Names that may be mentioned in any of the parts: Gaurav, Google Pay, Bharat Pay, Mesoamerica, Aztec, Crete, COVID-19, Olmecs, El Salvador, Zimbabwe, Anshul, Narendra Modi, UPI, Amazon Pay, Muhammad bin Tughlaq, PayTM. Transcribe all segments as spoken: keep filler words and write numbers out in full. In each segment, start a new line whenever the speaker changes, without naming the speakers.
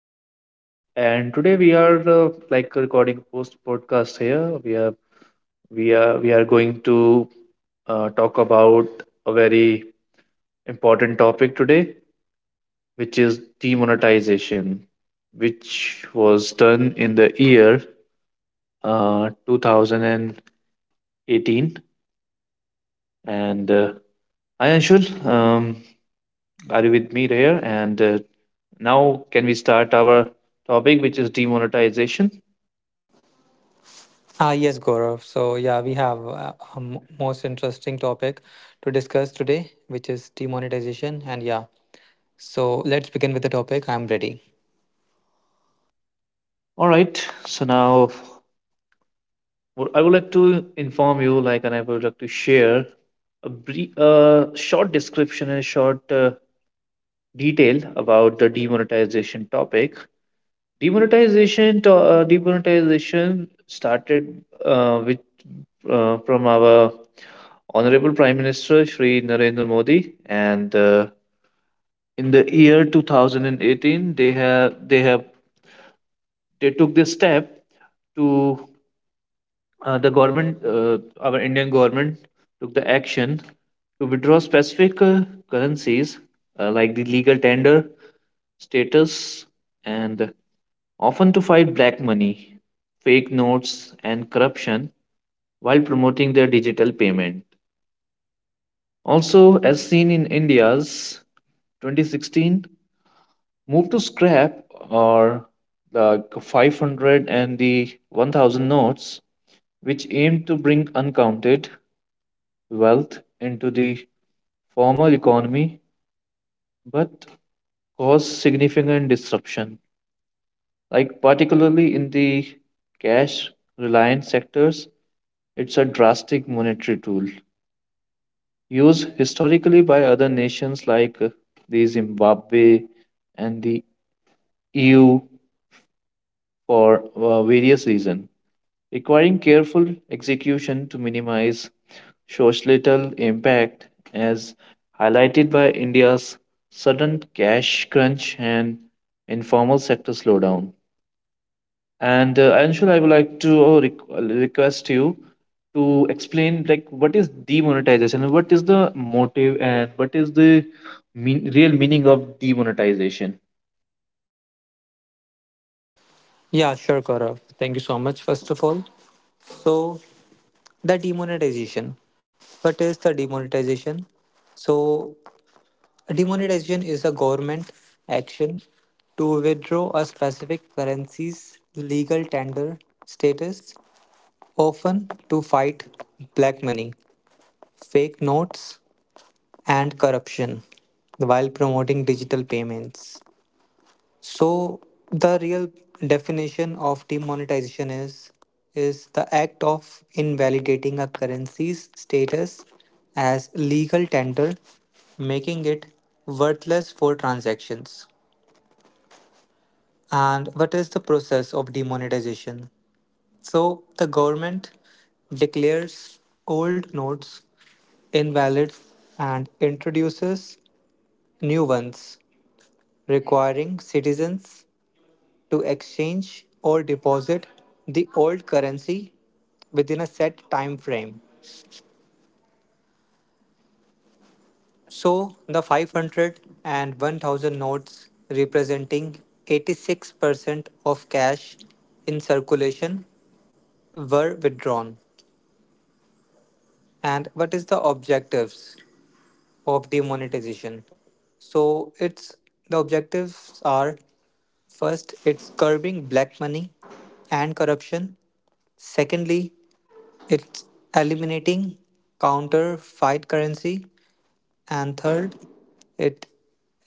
with me. And today we are uh, like recording a post podcast here. We are we are we are going to uh, talk about a very important topic today, which is demonetization, which was done in the year uh, two thousand eighteen. And uh, hi Anshul, um, are you with me there? And uh, Now, can we start our topic, which is demonetization?
Ah, yes, Gaurav. So, yeah, we have uh, a m- most interesting topic to discuss today, which is demonetization. And yeah, so let's begin with the topic. I'm ready.
All right. So now, what I would like to inform you, like, and I would like to share a brief, uh, short description and short uh, detail about the demonetization topic. Demonetization, to, uh, demonetization started uh, with uh, from our honorable Prime Minister Shri Narendra Modi, and uh, in the year two thousand eighteen, they have they have they took this step to uh, the government, uh, our Indian government took the action to withdraw specific uh, currencies uh, like the legal tender status and often to fight black money, fake notes, and corruption while promoting their digital payment. Also, as seen in India's twenty sixteen move to scrap or the five hundred and the one thousand notes which aimed to bring uncounted wealth into the formal economy but caused significant disruption. Like, particularly in the cash reliant sectors, it's a drastic monetary tool used historically by other nations like uh, the Zimbabwe and the E U for uh, various reasons, requiring careful execution to minimize shows little impact as highlighted by India's sudden cash crunch and informal sector slowdown. And uh, Anshul, I would like to uh, requ- request you to explain like what is demonetization and what is the motive and what is the mean, real meaning of demonetization.
Yeah, sure, Gaurav. Thank you so much, first of all. So, the demonetization. What is the demonetization? So, demonetization is a government action to withdraw a specific currency's legal tender status, often to fight black money, fake notes, and corruption while promoting digital payments. So, the real definition of demonetization is is the act of invalidating a currency's status as legal tender, making it worthless for transactions. And what is the process of demonetization? So, the government declares old notes invalid and introduces new ones, requiring citizens to exchange or deposit the old currency within a set time frame. So the five hundred and one thousand notes representing eighty-six percent of cash in circulation were withdrawn. And what is the objectives of the monetization? So it's, the objectives are, first, it's curbing black money and corruption. Secondly, it's eliminating counterfeit currency. And third, it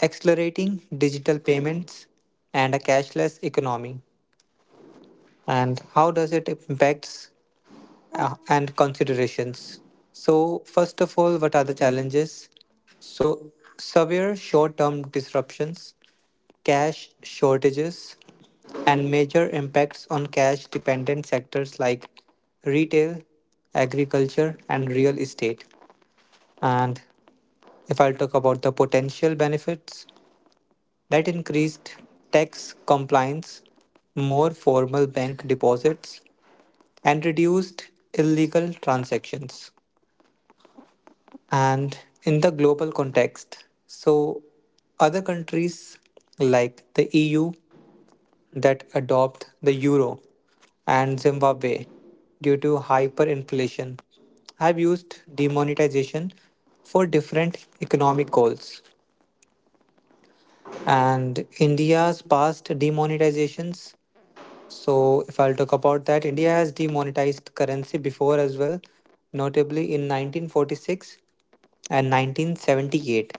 accelerating digital payments and a cashless economy. And how does it impacts uh, and considerations. So, first of all, what are the challenges? So, severe short term disruptions, cash shortages, and major impacts on cash dependent sectors like retail, agriculture, and real estate. And if I'll talk about the potential benefits, that increased tax compliance, more formal bank deposits, and reduced illegal transactions. And in the global context. So, other countries like the E U that adopt the euro and Zimbabwe due to hyperinflation have used demonetization for different economic goals. And India's past demonetizations. So, if I'll talk about that, India has demonetized currency before as well, notably in nineteen forty-six and nineteen seventy-eight.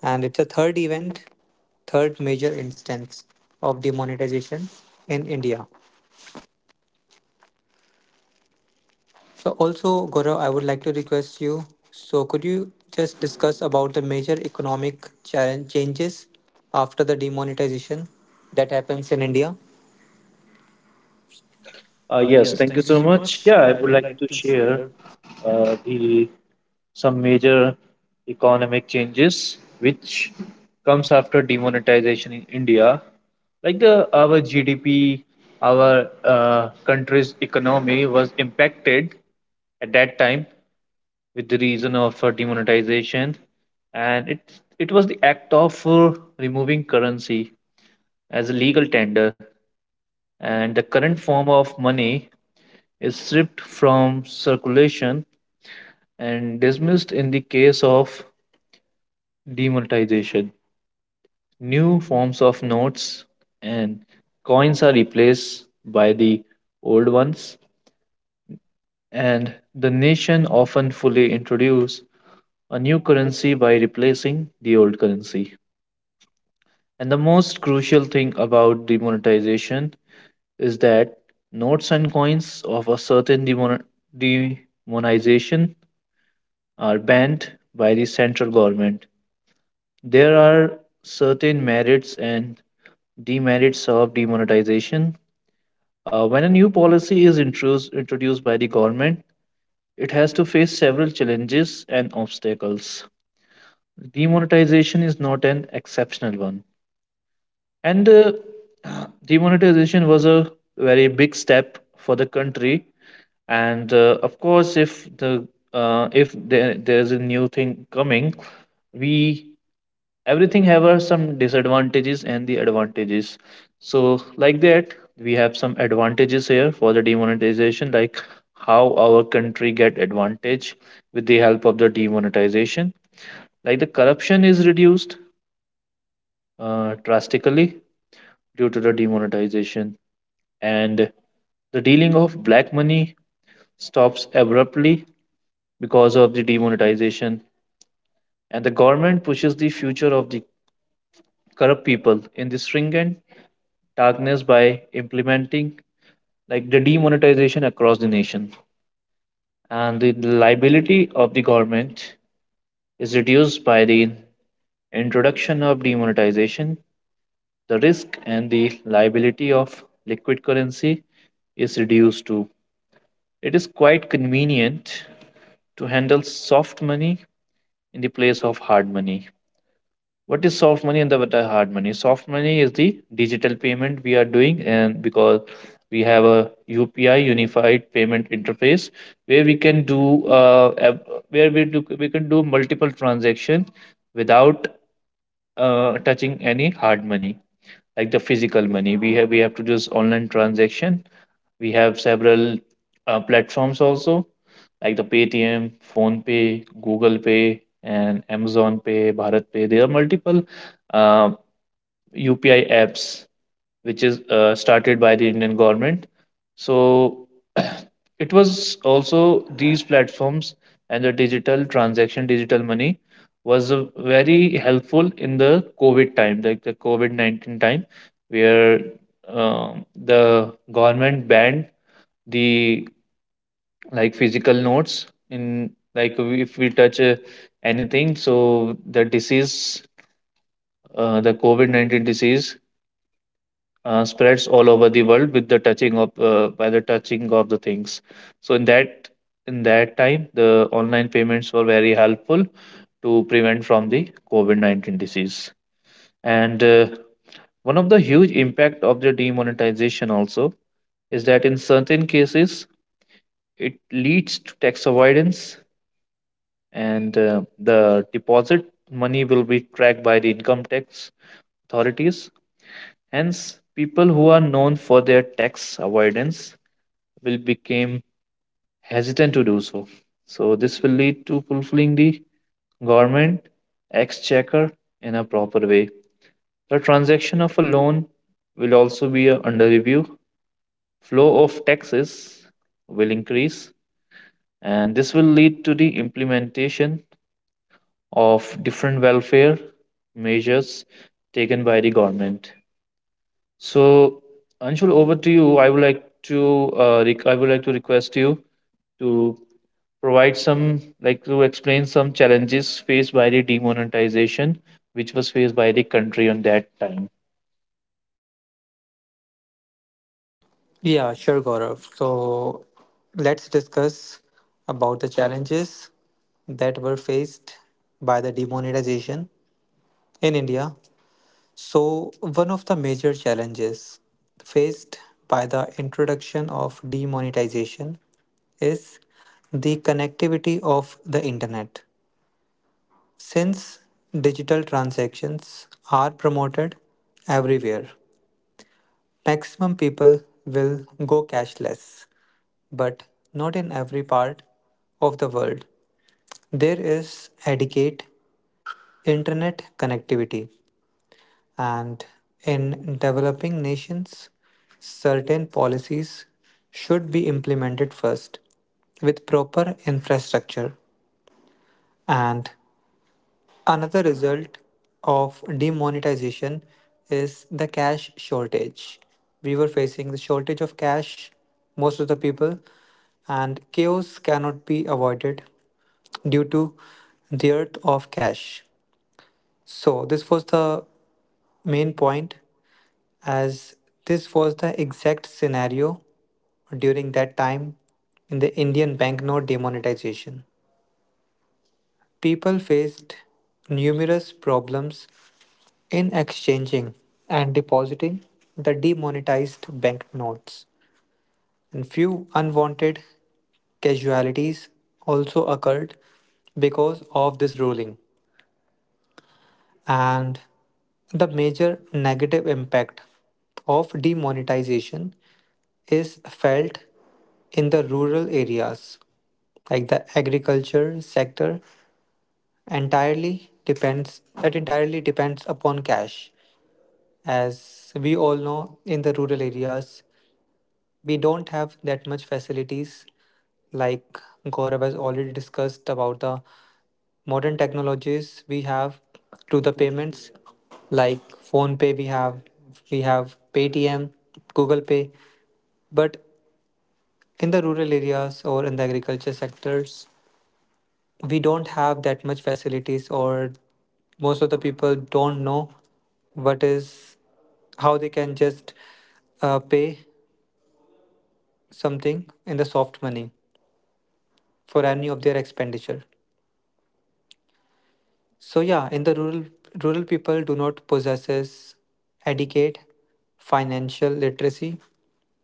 And it's a third event, third major instance of demonetization in India. So also, Gaurav, I would like to request you. So could you just discuss about the major economic challenge changes after the demonetization that happens in India?
Uh,
Uh,
yes,
yes, thank
thank
you
you so
so
much.
much.
Yeah,
Yeah,
I
I
would
would
like
like to
to
share.
share uh, the some major economic changes which comes after demonetization in India. Like the our G D P, our uh, country's economy was impacted at that time with the reason of uh, demonetization, and it it was the act of uh, removing currency as a legal tender, and the current form of money is stripped from circulation and dismissed in the case of demonetization. New forms of notes and coins are replaced by the old ones, and the nation often fully introduce a new currency by replacing the old currency. And the most crucial thing about demonetization is that notes and coins of a certain demon- demonetization are banned by the central government. There are certain merits and demerits of demonetization. Uh, when a new policy is introduced, introduced by the government, it has to face several challenges and obstacles. Demonetization is not an exceptional one. And uh, demonetization was a very big step for the country. And uh, of course, if the uh, if there, there is a new thing coming, we everything have uh, some disadvantages and the advantages, so like that we have some advantages here for the demonetization, like how our country get advantage with the help of the demonetization, like the corruption is reduced uh, drastically due to the demonetization, and the dealing of black money stops abruptly because of the demonetization, and the government pushes the future of the corrupt people in the stringent darkness by implementing like the demonetization across the nation, and the liability of the government is reduced by the introduction of demonetization. The risk and the liability of liquid currency is reduced too. It is quite convenient to handle soft money in the place of hard money. What is soft money and the what are hard money? Soft money is the digital payment we are doing, and because we have a UPI, unified payment interface, where we can do uh, ab- where we do we can do multiple transactions without uh, touching any hard money, like the physical money. We have we have to do this online transaction. We have several uh, platforms also, like the Paytm, phone pay google Pay, and Amazon Pay, Bharat Pay. There are multiple uh, U P I apps, which is uh, started by the Indian government. So it was also these platforms, and the digital transaction, digital money was uh, very helpful in the COVID time, like the COVID nineteen time, where um, the government banned the like physical notes in like if we touch uh, anything, so the disease uh, the covid nineteen disease uh, spreads all over the world with the touching of uh, by the touching of the things. So in that in that time the online payments were very helpful to prevent from the covid nineteen disease. And uh, one of the huge impact of the demonetization also is that in certain cases it leads to tax avoidance, and uh, the deposit money will be tracked by the income tax authorities. Hence people who are known for their tax avoidance will become hesitant to do so. So this will lead to fulfilling the government exchequer in a proper way. The transaction of a loan will also be uh, under review. Flow of taxes will increase, and this will lead to the implementation of different welfare measures taken by the government. So, Anshul, over to you. I would like to uh, rec- I would like to request you to provide some like to explain some challenges faced by the demonetization, which was faced by the country on that time.
Yeah, sure, Gaurav. So let's discuss about the challenges that were faced by the demonetization in India. So, one of the major challenges faced by the introduction of demonetization is the connectivity of the internet. Since digital transactions are promoted everywhere, maximum people will go cashless, but not in every part of the world. There is adequate internet connectivity. And in developing nations, certain policies should be implemented first with proper infrastructure. And another result of demonetization is the cash shortage. We were facing the shortage of cash, most of the people, and chaos cannot be avoided due to the dearth of cash. So, this was the main point, as this was the exact scenario during that time in the Indian banknote demonetization. People faced numerous problems in exchanging and depositing the demonetized banknotes, and few unwanted casualties also occurred because of this ruling. And the major negative impact of demonetization is felt in the rural areas like the agriculture sector entirely depends that entirely depends upon cash. As we all know, in the rural areas we don't have that much facilities, like Gaurav has already discussed about the modern technologies we have to the payments, like phone pay, we have, we have paytm, google pay, but in the rural areas or in the agriculture sectors we don't have that much facilities, or most of the people don't know what is, how they can just uh, pay something in the soft money for any of their expenditure. So yeah, in the rural rural people do not possesses adequate financial literacy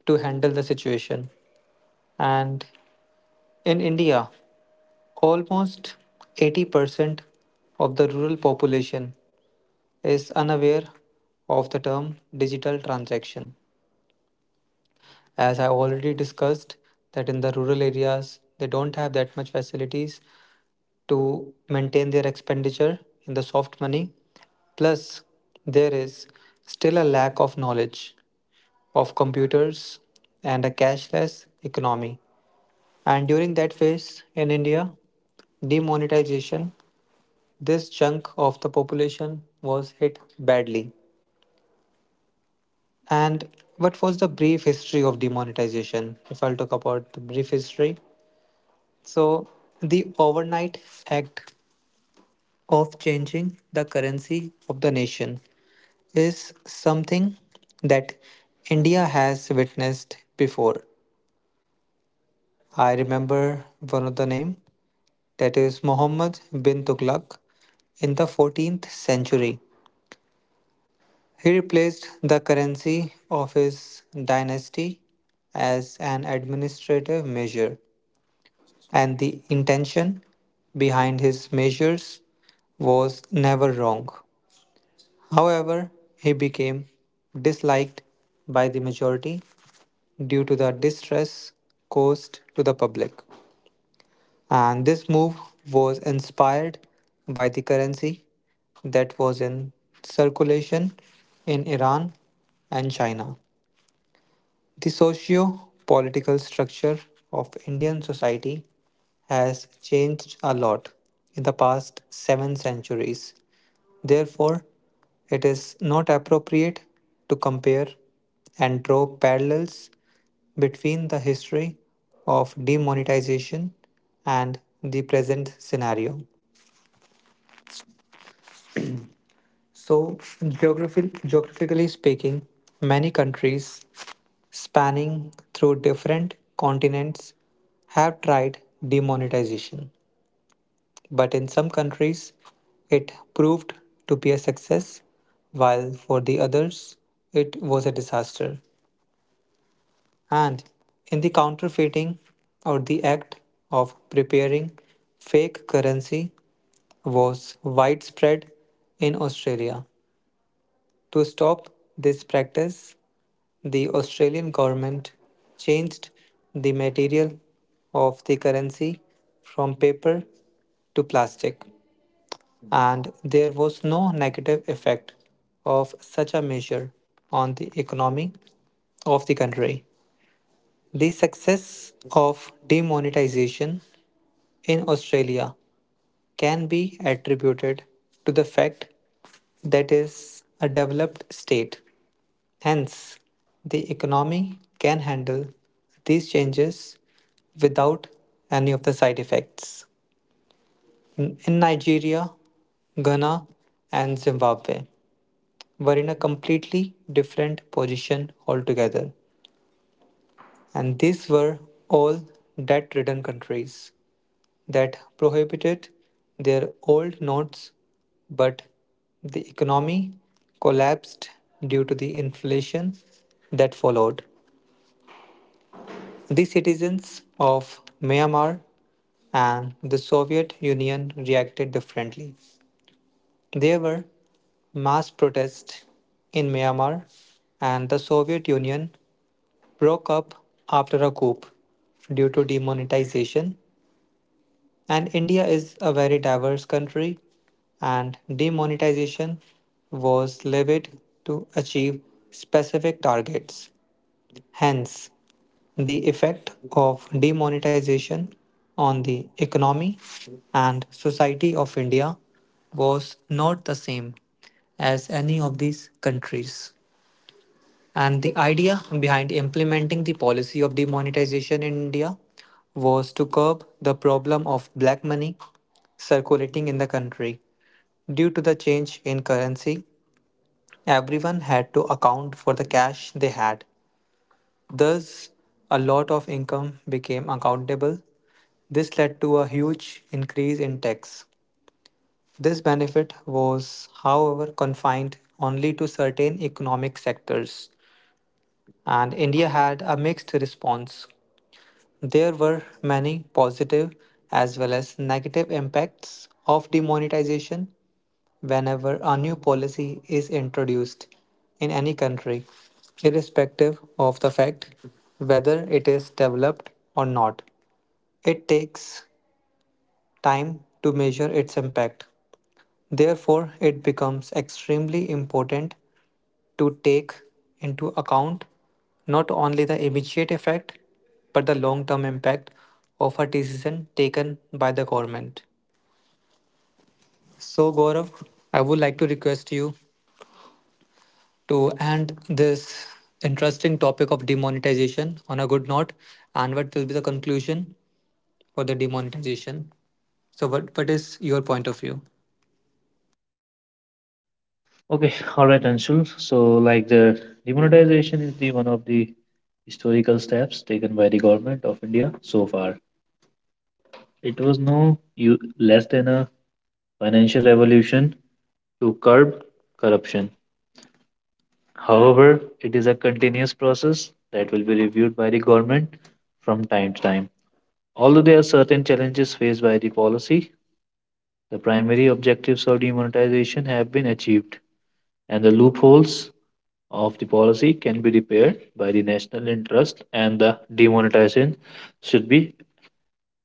to handle the situation. And in India, almost eighty percent of the rural population is unaware of the term digital transaction. As I already discussed, that in the rural areas, they don't have that much facilities to maintain their expenditure in the soft money. Plus, there is still a lack of knowledge of computers and a cashless economy. And during that phase in India, demonetization, this chunk of the population was hit badly. And what was the brief history of demonetization? If I'll talk about the brief history. So, the Overnight Act of changing the currency of the nation is something that India has witnessed before. I remember one of the name, that is Muhammad bin Tughlaq in the fourteenth century. He replaced the currency of his dynasty as an administrative measure, and the intention behind his measures was never wrong. However, he became disliked by the majority due to the distress caused to the public. And this move was inspired by the currency that was in circulation in Iran and China. The socio political structure of Indian society has changed a lot in the past seven centuries. Therefore, it is not appropriate to compare and draw parallels between the history of demonetization and the present scenario. So, geographi- geographically speaking, many countries spanning through different continents have tried demonetization. But in some countries, it proved to be a success, while for the others, it was a disaster. And in the counterfeiting or the act of preparing fake currency was widespread in Australia. To stop this practice, the Australian government changed the material of the currency from paper to plastic, and there was no negative effect of such a measure on the economy of the country. The success of demonetization in Australia can be attributed to the fact that is a developed state. Hence, the economy can handle these changes without any of the side effects. In in Nigeria, Ghana, and Zimbabwe were in a completely different position altogether, and these were all debt ridden countries that prohibited their old notes, but the economy collapsed due to the inflation that followed. The citizens of Myanmar and the Soviet Union reacted differently. There were mass protests in Myanmar, and the Soviet Union broke up after a coup due to demonetization. And India is a very diverse country, and demonetization was levied to achieve specific targets. Hence, the effect of demonetization on the economy and society of India was not the same as any of these countries. And the idea behind implementing the policy of demonetization in India was to curb the problem of black money circulating in the country. Due to the change in currency, everyone had to account for the cash they had. Thus, a lot of income became accountable. This led to a huge increase in tax. This benefit was, however, confined only to certain economic sectors. And India had a mixed response. There were many positive as well as negative impacts of demonetization whenever a new policy is introduced in any country, irrespective of the fact whether it is developed or not. It takes time to measure its impact. Therefore, it becomes extremely important to take into account not only the immediate effect but the long term impact of a decision taken by the government. So, Gaurav, I would like to request you to end this interesting topic of demonetization on a good note and what will be the conclusion for the demonetization. So, what, what is your point of view?
Okay, all right, Anshul. So like the demonetization is the one of the historical steps taken by the government of India so far. It was no you less than a financial revolution to curb corruption. However, it is a continuous process that will be reviewed by the government from time to time. Although there are certain challenges faced by the policy, the primary objectives of demonetization have been achieved, and the loopholes of the policy can be repaired by the national interest, and the demonetization should be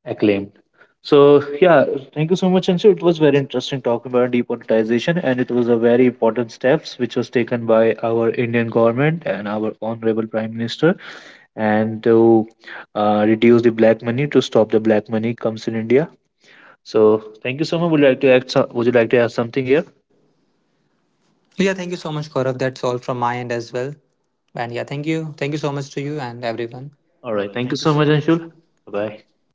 acclaimed. So, yeah, thank you so much, Anshu. It was very interesting talking about demonetization, and it was a very important steps which was taken by our Indian government and our honorable Prime Minister, and to uh, reduce the black money, to stop the black money comes in India. So thank you so much. Would you like to add? So, would you like to add something here?
Yeah, thank you so much, Gaurav. That's all from my end as well. And yeah, thank you. Thank you so much to you and
Everyone.
everyone.
All
All
right.
right.
Thank you
Thank you
so
so
much,
much,
Anshul.
Anshul.
Bye.
Bye
bye.
bye.